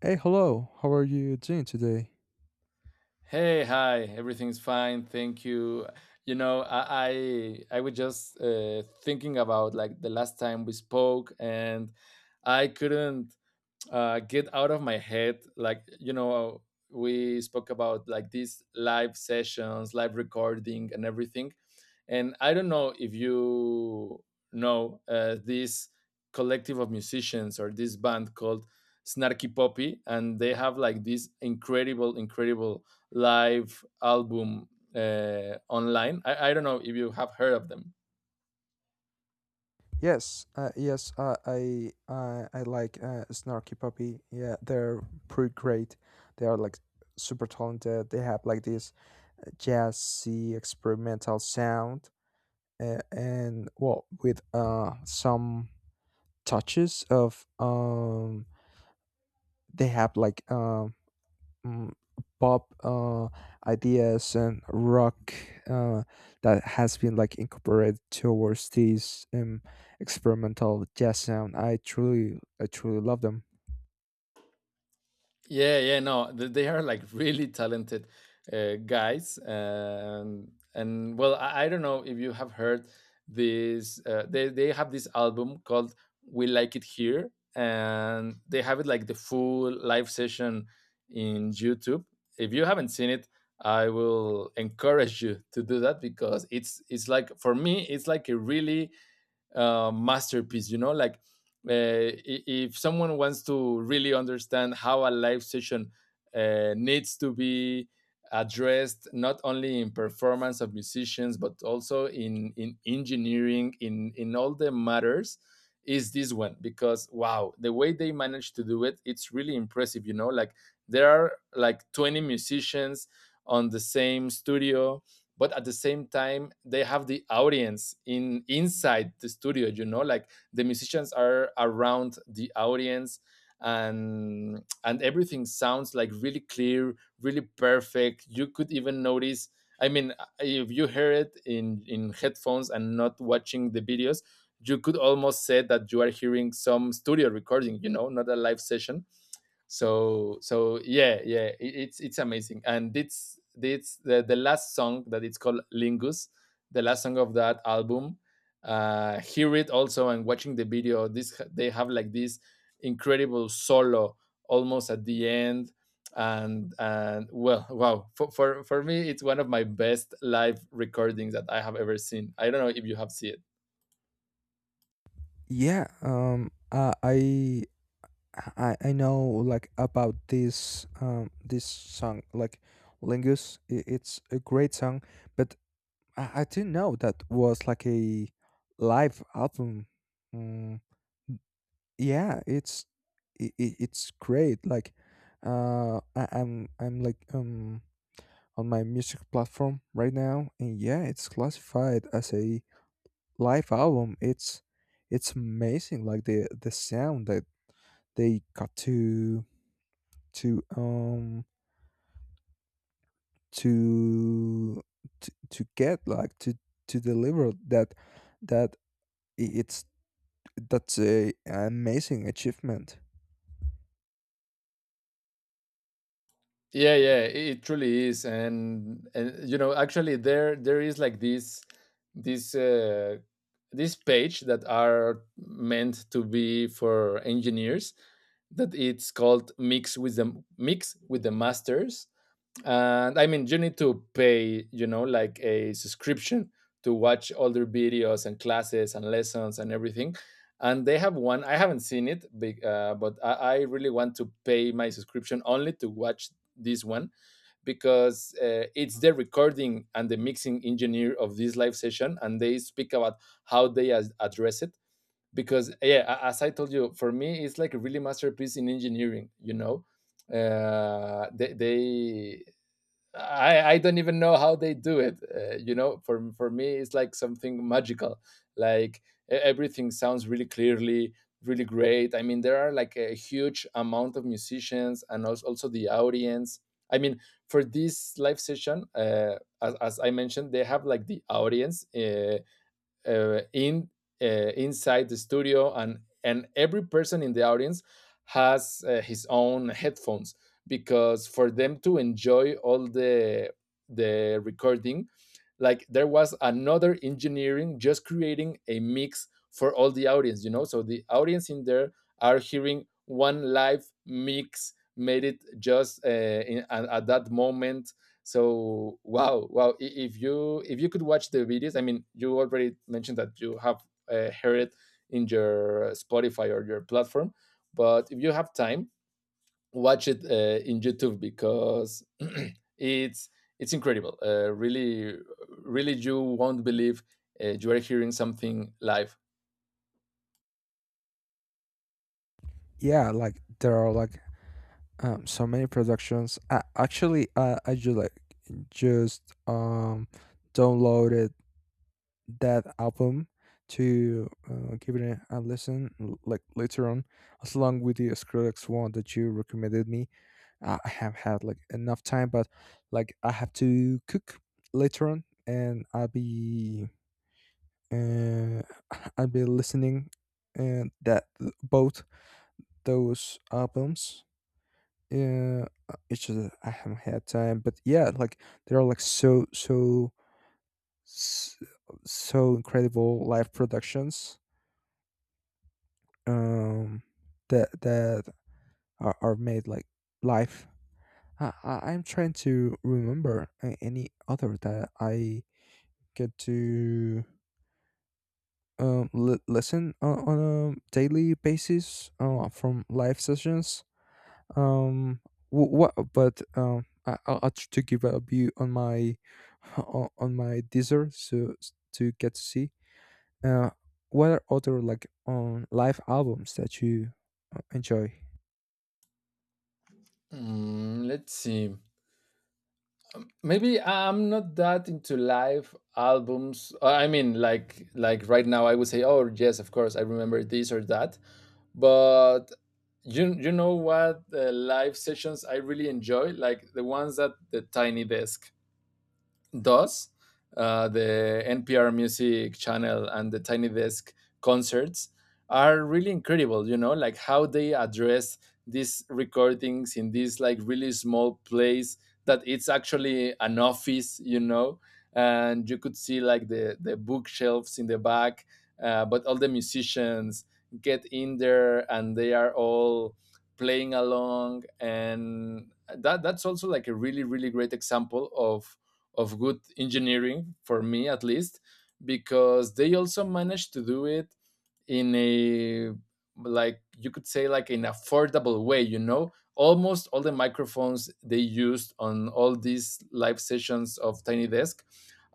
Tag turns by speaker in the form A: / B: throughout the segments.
A: Hey, hello. How are you doing today?
B: Hey, hi. Everything's fine. Thank you. You know, I was just thinking about like the last time we spoke, and I couldn't get out of my head. Like, you know, we spoke about like these live sessions, live recording, and everything. And I don't know if you know this collective of musicians or this band called Snarky Puppy, and they have like this incredible, incredible live album online. I don't know if you have heard of them.
A: Yes, yes, I like Snarky Puppy. Yeah, they're pretty great. They are like super talented. They have like this jazzy experimental sound, and well with some touches of they have like mm, pop ideas and rock uh that has been like incorporated towards these experimental jazz sound. I truly love them.
B: Yeah, yeah, no, they are like really talented guys, and and well, I don't know if you have heard this. They have this album called "We Like It Here," and they have it like the full live session in YouTube. If you haven't seen it, I will encourage you to do that because it's like for me, it's like a really masterpiece, you know, like uh, if someone wants to really understand how a live session needs to be addressed not only in performance of musicians but also in engineering in all the matters is this one, because wow, the way they manage to do it, it's really impressive, you know, like there are like 20 musicians on the same studio, but at the same time they have the audience in inside the studio, you know, like the musicians are around the audience, and everything sounds like really clear, really perfect. You could even notice, I mean, if you hear it in headphones and not watching the videos, you could almost say that you are hearing some studio recording, you know, not a live session. So so yeah, yeah, it, it's amazing, and it's the last song that it's called Lingus, the last song of that album. Hear it also and watching the video, this, they have like this incredible solo almost at the end, and well, wow, for me it's one of my best live recordings that I have ever seen. I don't know if you have seen it.
A: Yeah, I know like about this song like Lingus. It's a great song, but I didn't know that was like a live album. mm, yeah, it's great. Like I'm like on my music platform right now, and yeah, it's classified as a live album. It's amazing, like the sound that they got to— to um to to get like to— to deliver that that I- it's That's a amazing achievement.
B: Yeah, yeah, it truly is, and you know, actually, there is like this this page that are meant to be for engineers that it's called Mix with the Mix with the Masters, and I mean, you need to pay, you know, like a subscription to watch all their videos and classes and lessons and everything. And they have one I haven't seen it big, but I really want to pay my subscription only to watch this one because it's the recording and the mixing engineer of this live session, and they speak about how they address it, because yeah, as I told you, for me it's like a really masterpiece in engineering, you know. Uh, they, they I, I don't even know how they do it. You know, for me, it's like something magical. Like everything sounds really clearly, really great. I mean, there are like a huge amount of musicians, and also the audience. I mean, for this live session, as I mentioned, they have like the audience in uh, inside the studio, and every person in the audience has his own headphones, because for them to enjoy all the recording, like there was another engineering just creating a mix for all the audience, you know, so the audience in there are hearing one live mix made it just in, at that moment. So wow, wow, I- if you could watch the videos, I mean, you already mentioned that you have heard it in your Spotify or your platform, but if you have time, watch it in YouTube, because it's it's incredible, really really you won't believe you are hearing something live.
A: Yeah, like there are like so many productions. Actually, I just like— just downloaded that album to give it a— listen, like, later on, as long with the Skrillex one that you recommended me. I have had like enough time, but like, I have to cook later on, and I'll be uh, I'll be listening and that— both those albums. Yeah, it's just that I haven't had time, but yeah, like there are like s- so incredible live productions um that are made like live. I'm trying to remember any other that I get to listen on a daily basis, from live sessions. Um wh- what but um I, i'll I'll try to give a view on my on my Deezer, so to get to see uh what are other like live albums that you enjoy.
B: Mm, let's see, maybe I'm not that into live albums. I mean, like right now I would say, oh yes, of course, I remember this or that, but you know what, live sessions I really enjoy, like the ones at the Tiny Desk. Thus, the NPR Music Channel and the Tiny Desk concerts are really incredible. You know, like how they address these recordings in this like really small place that it's actually an office. You know, and you could see like the bookshelves in the back, but all the musicians get in there and they are all playing along, and that that's also like a really really great example of good engineering, for me at least, because they also managed to do it in a like you could say like an affordable way, you know. Almost all the microphones they used on all these live sessions of Tiny Desk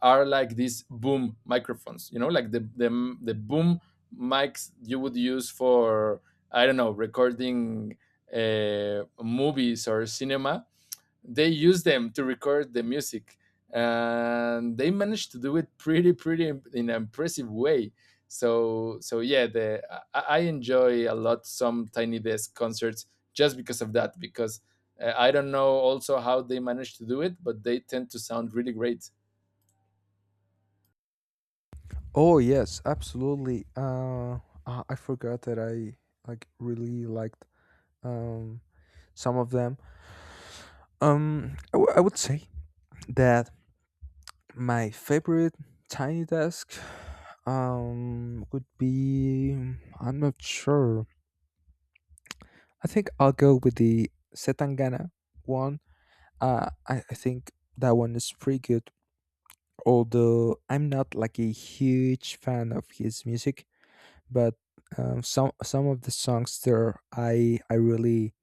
B: are like these boom microphones, you know, like the boom mics you would use for, I don't know, recording movies or cinema. They use them to record the music, and they managed to do it pretty pretty in an impressive way. So so yeah, the I enjoy a lot some Tiny Desk concerts just because of that, because I don't know also how they managed to do it, but they tend to sound really great.
A: Oh, yes, absolutely. I forgot that I like really liked um some of them. I would say that my favorite tiny desk would be— I'm not sure. I think I'll go with the Setangana one. I think that one is pretty good. Although I'm not like a huge fan of his music, but some of the songs there, I I really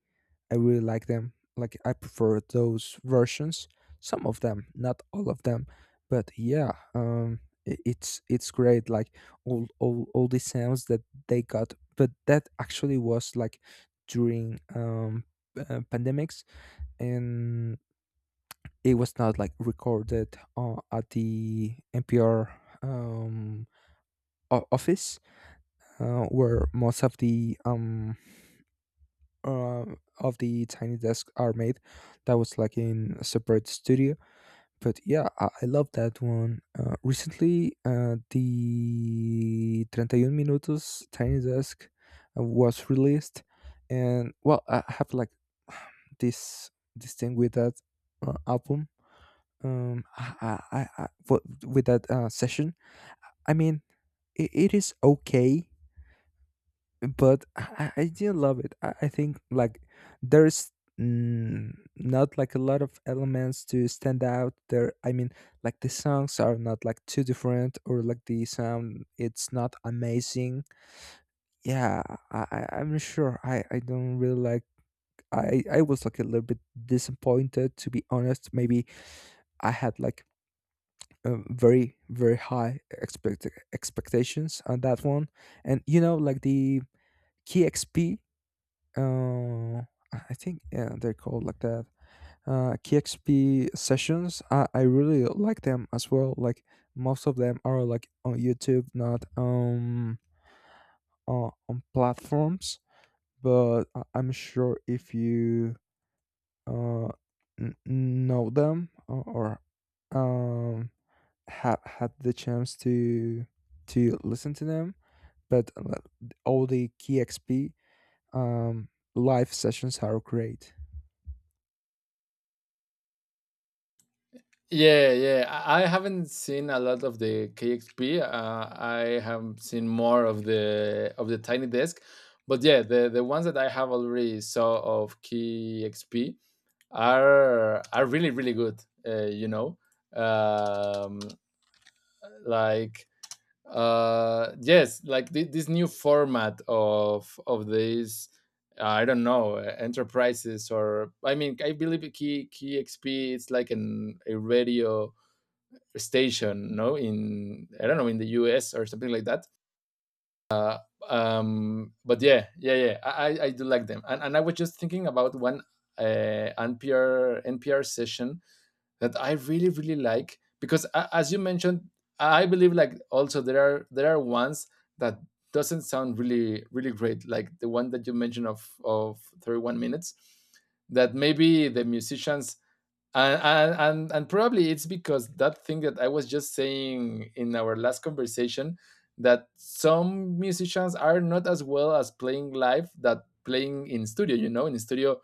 A: I really like them. Like, I prefer those versions. Some of them, not all of them, but yeah, it's great. Like all the sounds that they got, but that actually was like during pandemics, and it was not like recorded at the NPR um office, where most of uh, the tiny desk are made. That was like in a separate studio. But yeah, I love that one. Recently, the 31 minutos tiny desk was released. And well, I have like this this thing with that album. With that session, I mean, it is okay, but I did not love it. I think, like, there's not like a lot of elements to stand out there. I mean, like, the songs are not like too different, or like the sound, it's not amazing. Yeah, I'm sure I don't really like. I was like a little bit disappointed, to be honest. Maybe I had like very, very high expectations on that one. And you know, like the KXP. uh, I think, yeah, they're called like that. KXP sessions. I really like them as well. Like, most of them are like on YouTube, not on platforms. But I'm sure if you uh know them, or have had the chance to— to listen to them. But all the KXP um live sessions are great.
B: Yeah, yeah, I haven't seen a lot of the KXP, I have seen more of the Tiny Desk, but yeah, the ones that I have already saw of KXP are really really good. You know, um, like yes, like this new format of these. I don't know enterprises, or I mean, I believe Key Key XP it's like an a radio station, no, in, I don't know, in the US or something like that. Um, but yeah, yeah, yeah, I do like them, and I was just thinking about one NPR session that I really really like because as you mentioned, I believe like also there are ones that doesn't sound really really great, like the one that you mentioned of 31 minutes, that maybe the musicians and probably it's because that thing that I was just saying in our last conversation, that some musicians are not as well as playing live that playing in studio, you know, in studio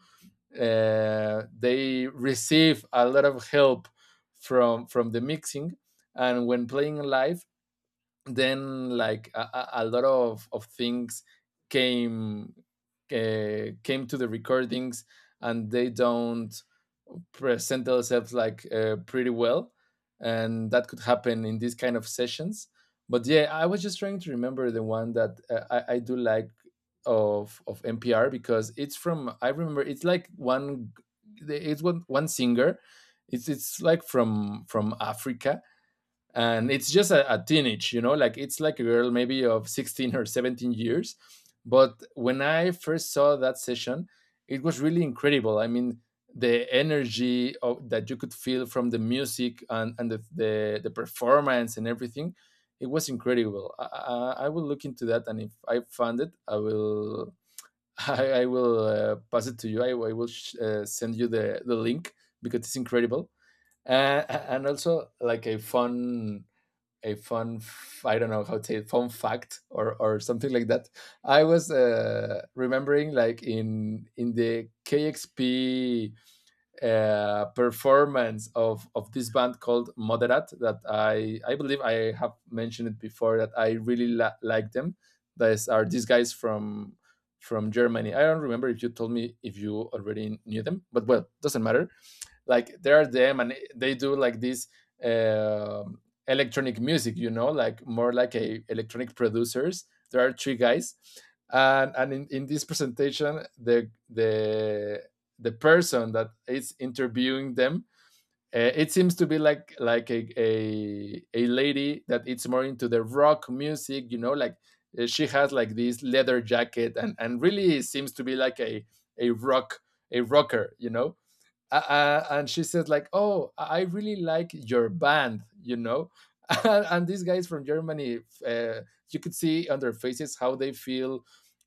B: they receive a lot of help from the mixing, and when playing live then like a lot of things came came to the recordings, and they don't present themselves like pretty well, and that could happen in these kind of sessions. But yeah, I was just trying to remember the one that I do like of NPR, because it's from, I remember, it's like one, it's one one singer, it's like from Africa, and it's just a teenage, you know, like it's like a girl maybe of 16 or 17 years. But when I first saw that session, it was really incredible. I mean, the energy of, that you could feel from the music, and the performance and everything, it was incredible. I will look into that, and if I find it I will I will pass it to you. I will send you the link, because it's incredible. Uh, and also like a fun, a I don't know how to say it, fun fact or something like that. I was remembering like in the KXP performance of this band called Moderat, that I believe I have mentioned it before that I really like them. These are these guys from Germany. I don't remember if you told me if you already knew them, but well, doesn't matter. Like there are them, and they do like this um electronic music, you know, like more like a electronic producers. There are 3 guys, and in this presentation, the person that is interviewing them, it seems to be like a lady that it's more into the rock music, you know, like she has like this leather jacket, and really seems to be like a rock, a rocker, you know. And she said like, oh, I really like your band, you know, and, these guys from Germany, uh, you could see on their faces how they feel,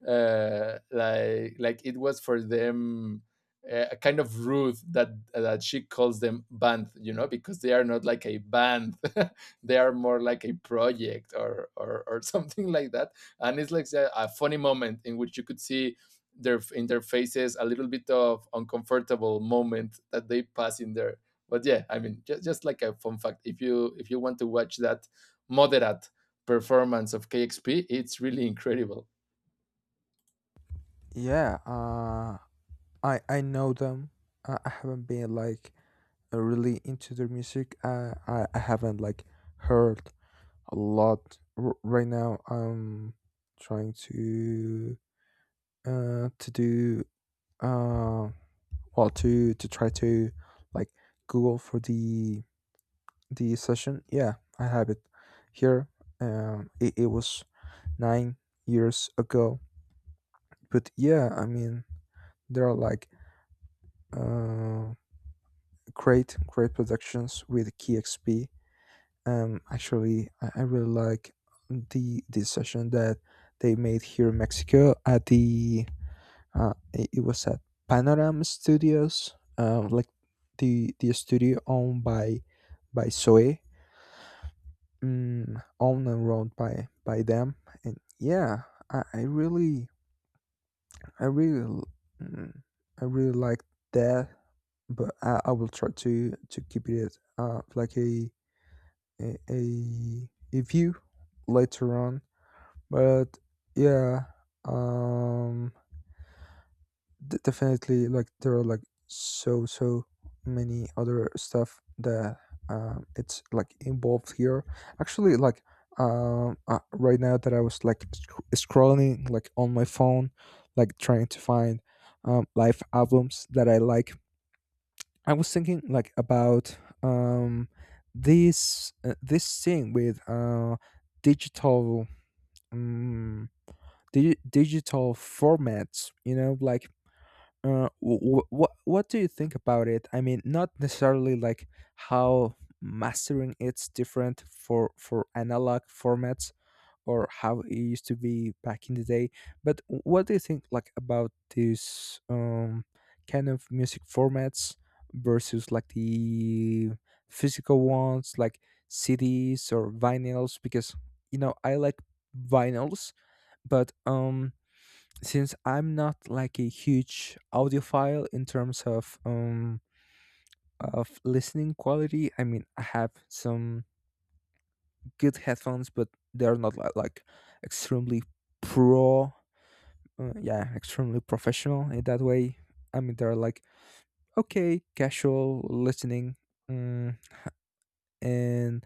B: like it was for them a kind of rude that that she calls them band, you know, because they are not like a band they are more like a project or something like that. And it's like, yeah, a funny moment in which you could see their in their faces a little bit of uncomfortable moment that they pass in there. But yeah, I mean, just like a fun fact, if you want to watch that moderate performance of KXP. It's really incredible.
A: Yeah, I know them. I haven't been like really into their music. I haven't like heard a lot. Right now, I'm trying to— to do— uh well, to— try to, like, Google for the session. Yeah, I have it here. It was 9 years ago. But yeah, I mean, there are like uh, great, great productions with KXP. Actually, I really like the session that they made here in Mexico at the— it was at Panorama Studios, like the studio owned by Zoe, owned and run by them. And yeah, I, I really I really, l- mm, I really like that, but I will try to keep it like a a, a view later on. But yeah, um, definitely, like, there are like so many other stuff that it's like involved here. Actually, like, right now, that I was like scrolling like on my phone, like trying to find live albums that I like, I was thinking like about um this— this thing with digital— um di digital formats. You know, like, what do you think about it? I mean, not necessarily like how mastering it's different for analog formats, or how it used to be back in the day, but what do you think like about these kind of music formats versus like the physical ones like CDs or vinyls? Because, you know, I like vinyls, but since I'm not like a huge audiophile in terms of listening quality. I mean, I have some good headphones, but they're not like extremely pro, yeah, extremely professional in that way. I mean, they're like okay, casual listening. Mm, and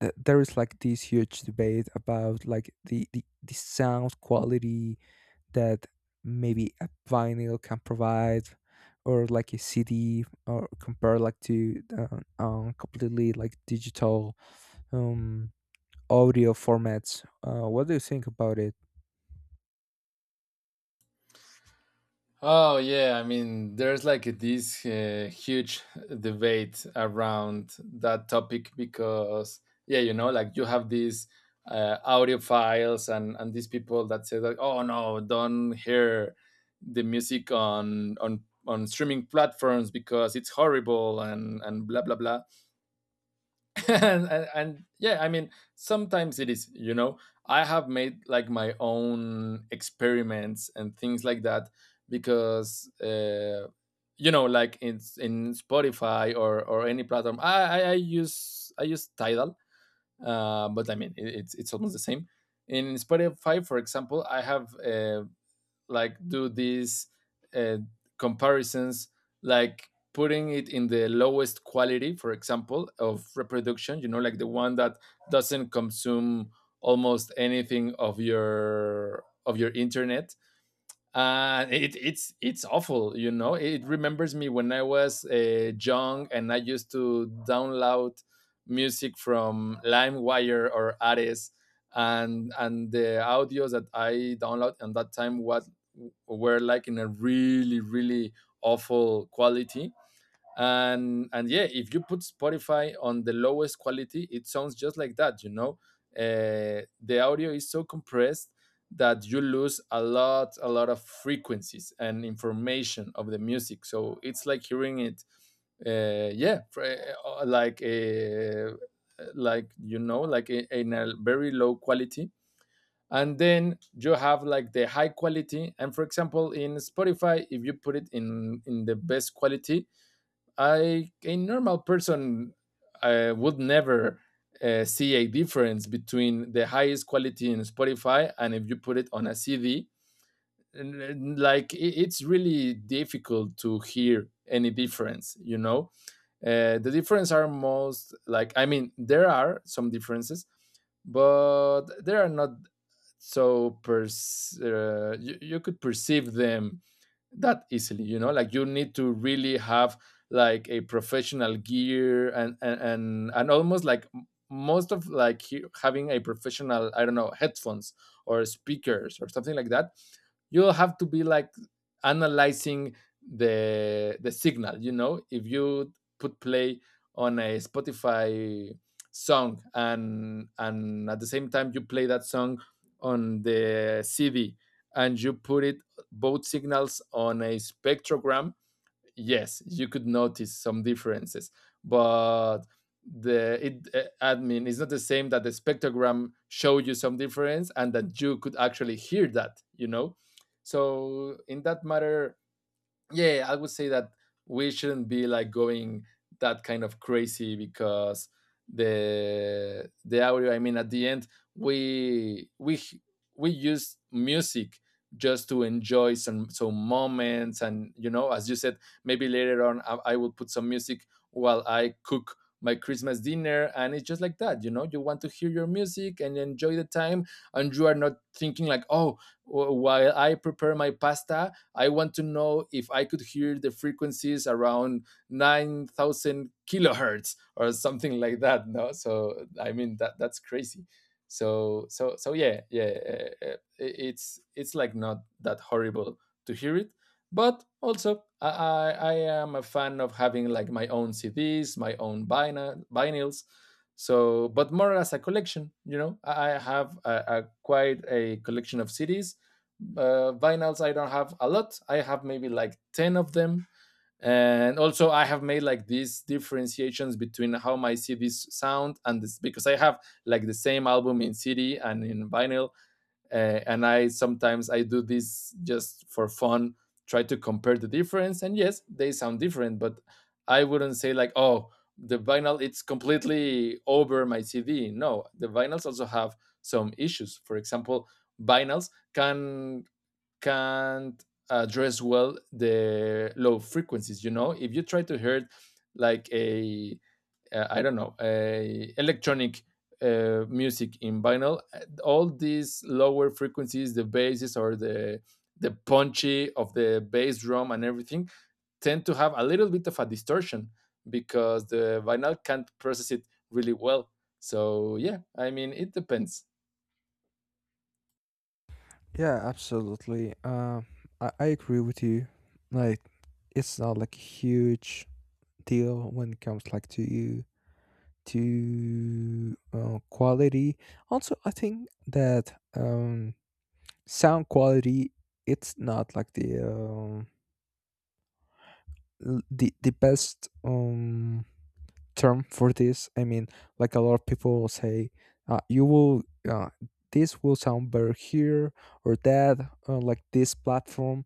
A: there is like this huge debate about like the sound quality that maybe a vinyl can provide, or like a cd, or compare like to completely like digital um, audio formats. What do you think about it?
B: Oh yeah, I mean, there's like this huge debate around that topic because yeah, you know, like you have these audio and these people that say like, oh no, don't hear the music on on streaming platforms because it's horrible and blah blah blah. And yeah, I mean, sometimes it is, you know, I have made like my own experiments and things like that because you know, like in Spotify or any platform I use, I use Tidal, but I mean it's it's almost the same. In Spotify, for example, I have like do these uh, comparisons, like putting it in the lowest quality, for example, of reproduction, you know, like the one that doesn't consume almost anything of your internet. It's awful, you know, it remembers me when I was young and I used to download music from Limewire or Ares, and the audios that I download at that time was were like in a really, really awful quality. And yeah, if you put Spotify on the lowest quality, it sounds just like that, you know. The audio is so compressed that you lose a lot of frequencies and information of the music, so it's like hearing it, uh, yeah fr- like a, like, you know, like in a very low quality. And then you have like the high quality, and for example, in Spotify, if you put it in the best quality, I, a normal person, would never see a difference between the highest quality in Spotify and if you put it on a CD. Like, it's really difficult to hear any difference, you know. The difference are most like, I mean, there are some differences, but they are not so you, you could perceive them that easily, you know, like you need to really have like a professional gear, and almost like most of like having a professional, I don't know, headphones or speakers or something like that, you'll have to be like analyzing the signal, you know, if you put play on a Spotify song, and at the same time you play that song on the CD and you put it both signals on a spectrogram, yes, you could notice some differences, but the it admin is not the same that the spectrogram showed you some difference and that you could actually hear that, you know. So in that matter, yeah, I would say that we shouldn't be like going that kind of crazy because the audio, I mean, at the end, we we h- we use music just to enjoy some moments, and you know, as you said, maybe later on, I will put some music while I cook my Christmas dinner, and it's just like that, you know, you want to hear your music and enjoy the time, and you are not thinking like, oh, while I prepare my pasta, I want to know if I could hear the frequencies around 9,000 kilohertz or something like that. No, so I mean, that that's crazy. So so so yeah, yeah, it's like not that horrible to hear it, but also I am a fan of having like my own CDs, my own vinyl, vinyls. So, but more as a collection, you know, I have a quite a collection of CDs. Vinyls, I don't have a lot, I have maybe like 10 of them. And also I have made like these differentiations between how my CDs sound and this because I have like the same album in CD and in vinyl. And I sometimes, I do this just for fun, try to compare the difference, and yes, they sound different, but I wouldn't say like, oh, the vinyl, it's completely over my CD. No, the vinyls also have some issues. For example, vinyls can can't address well the low frequencies, you know, if you try to hear like a, I don't know, a electronic music in vinyl, all these lower frequencies, the basses or the punchy of the bass drum and everything tend to have a little bit of a distortion because the vinyl can't process it really well. So yeah, I mean, it depends.
A: Yeah, absolutely. I agree with you. Like, it's not like a huge deal when it comes like to you— to quality. Also, I think that um, sound quality, it's not like the l- the best term for this, I mean, like, a lot of people say you will— uh, this will sound better here or that. Like this platform,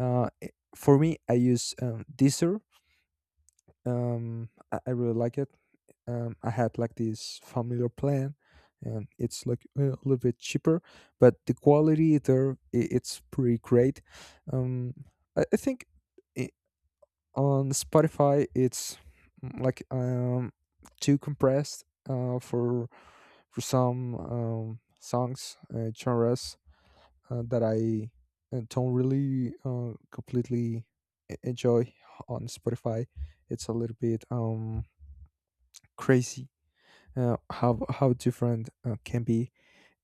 A: for me, I use Deezer. I really like it. I had like this familiar plan, and it's like a little bit cheaper, but the quality there, it's pretty great. Um, I think I on Spotify, it's like too compressed for some songs, genres that I don't really completely enjoy on Spotify. It's a little bit crazy, how different can be.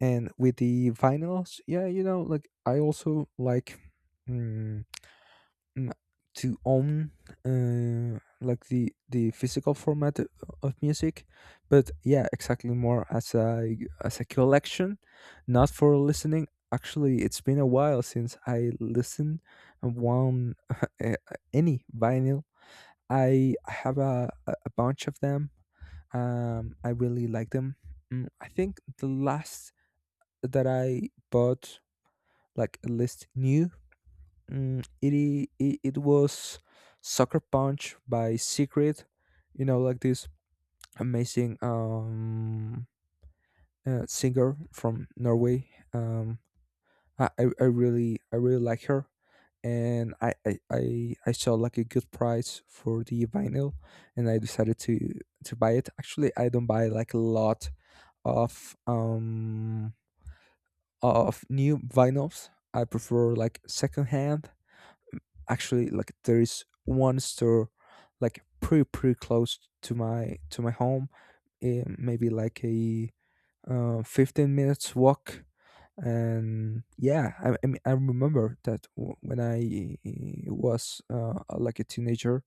A: And with the vinyls, yeah, you know, like, I also like mm, mm, to own, like, the physical format of music. But yeah, exactly, more as a— as a collection, not for listening. Actually, it's been a while since I listened and one uh, any vinyl. I have a bunch of them. I really like them. I think the last that I bought, like a list new, mm, it, I- it was Sucker Punch by Secret. You know, like this amazing singer from Norway. I really like her, and I saw like a good price for the vinyl, and I decided to buy it. Actually, I don't buy like a lot of new vinyls. I prefer like secondhand. Actually, like, there is one store, like, pretty, pretty close to my home. Maybe like a 15 minutes walk. And yeah, I mean, I remember that when I was like a teenager,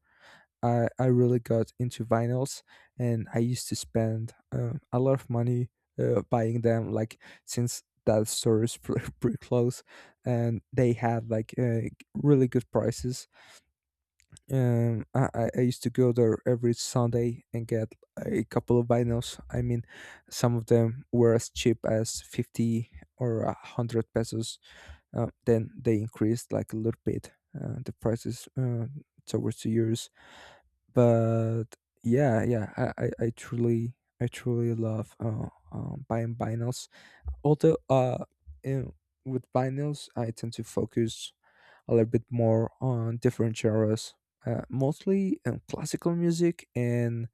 A: I really got into vinyls, and I used to spend a lot of money buying them, like, since that store is pretty close, and they had like really good prices, I used to go there every Sunday and get a couple of vinyls. I mean, some of them were as cheap as 50 or 100 pesos. Then they increased, like, a little bit the prices towards the years. But yeah, yeah, I truly love, buying vinyls. Although in, with vinyls, I tend to focus a little bit more on different genres, mostly classical music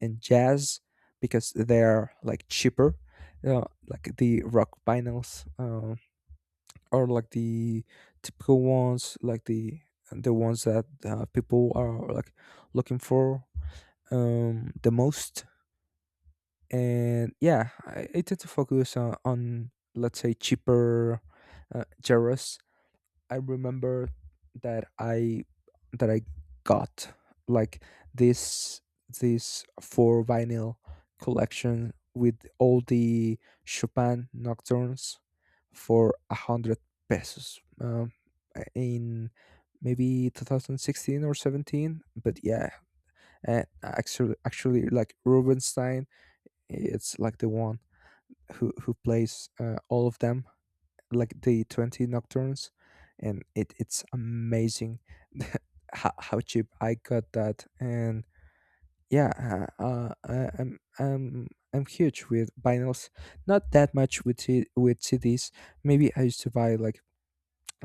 A: and jazz, because they're like cheaper. uh, like the rock vinyls, or like the typical ones, like the ones that people are, like, looking for, the most. And yeah, I tend to focus on, let's say, cheaper gyros. I remember that I that I got like this this four vinyl collection with all the Chopin nocturnes for 100 pesos, in maybe 2016 or 17. But yeah, and actually, like, Rubenstein, it's like the one who plays all of them, like the 20 nocturnes, and it's amazing. How cheap I got that. And yeah, uh, uh, I- I'm I'm I'm huge with vinyls, not that much with with CDs. Maybe I used to buy like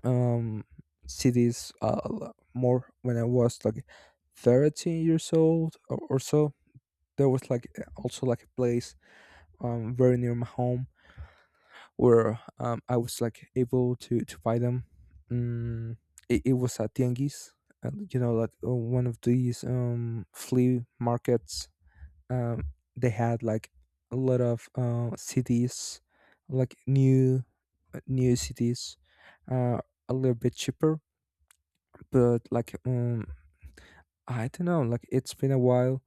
A: um CDs, more when I was like 13 years old, or so. There was like also like a place, very near my home, where I was like able to buy them. Mm, it was at tianguis, you know, like, one of these flea markets. Um, they had like a lot of CDs, like new— new CDs, uh, a little bit cheaper. But like, I don't know, like, it's been a while.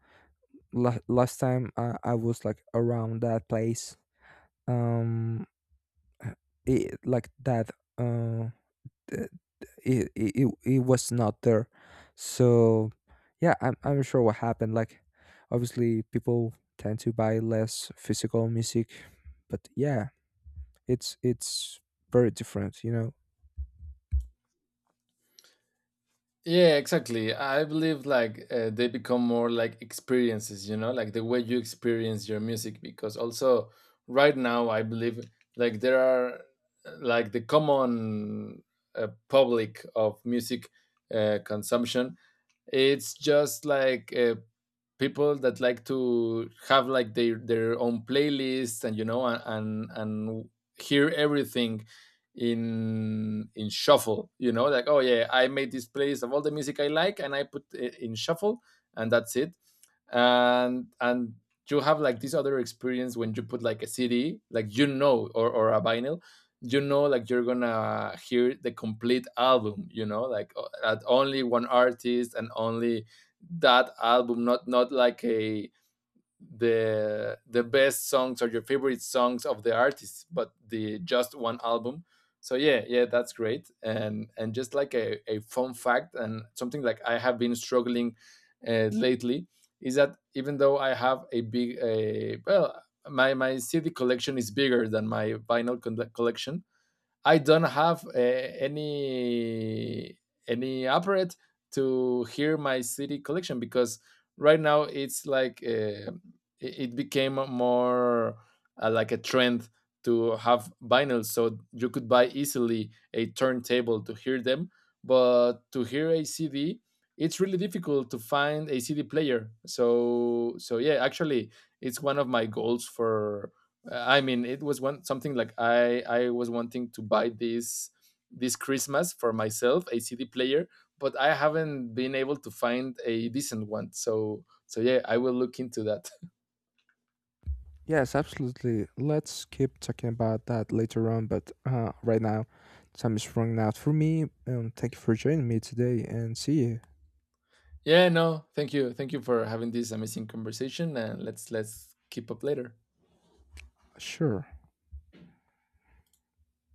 A: Last time I was like around that place, um uh, like that uh th- it was not there. So yeah, I'm sure what happened. Like, obviously, people tend to buy less physical music. But yeah, it's very different, you know.
B: Yeah, exactly. I believe like they become more like experiences, you know, like the way you experience your music. Because also right now, I believe like there are like the common public of music consumption. It's just like people that like to have like their own playlists, and you know, and hear everything in shuffle, you know, like, oh yeah, I made this playlist of all the music I like and I put it in shuffle, and that's it. And you have like this other experience when you put like a CD, like, you know, or a vinyl, you know, like you're gonna hear the complete album, you know, like at only one artist and only that album, not not like a the best songs or your favorite songs of the artist, but the just one album. So yeah, yeah, that's great. And just like a fun fact and something like, I have been struggling lately, is that even though I have a big a well, my CD collection is bigger than my vinyl collection, I don't have any any apparate to hear my city collection because right now it's like it it became more like a trend to have vinyl, so you could buy easily a turntable to hear them, but to hear a CD, it's really difficult to find a CD player. So so yeah, actually it's one of my goals for, I mean, it was one, something like I was wanting to buy this this Christmas for myself a CD player, but I haven't been able to find a decent one. So so yeah, I will look into that.
A: Yes, absolutely. Let's keep talking about that later on, but right now time is running out for me. Thank you for joining me today, and see you.
B: Yeah, no, thank you for having this amazing conversation, and let's keep up later.
A: Sure.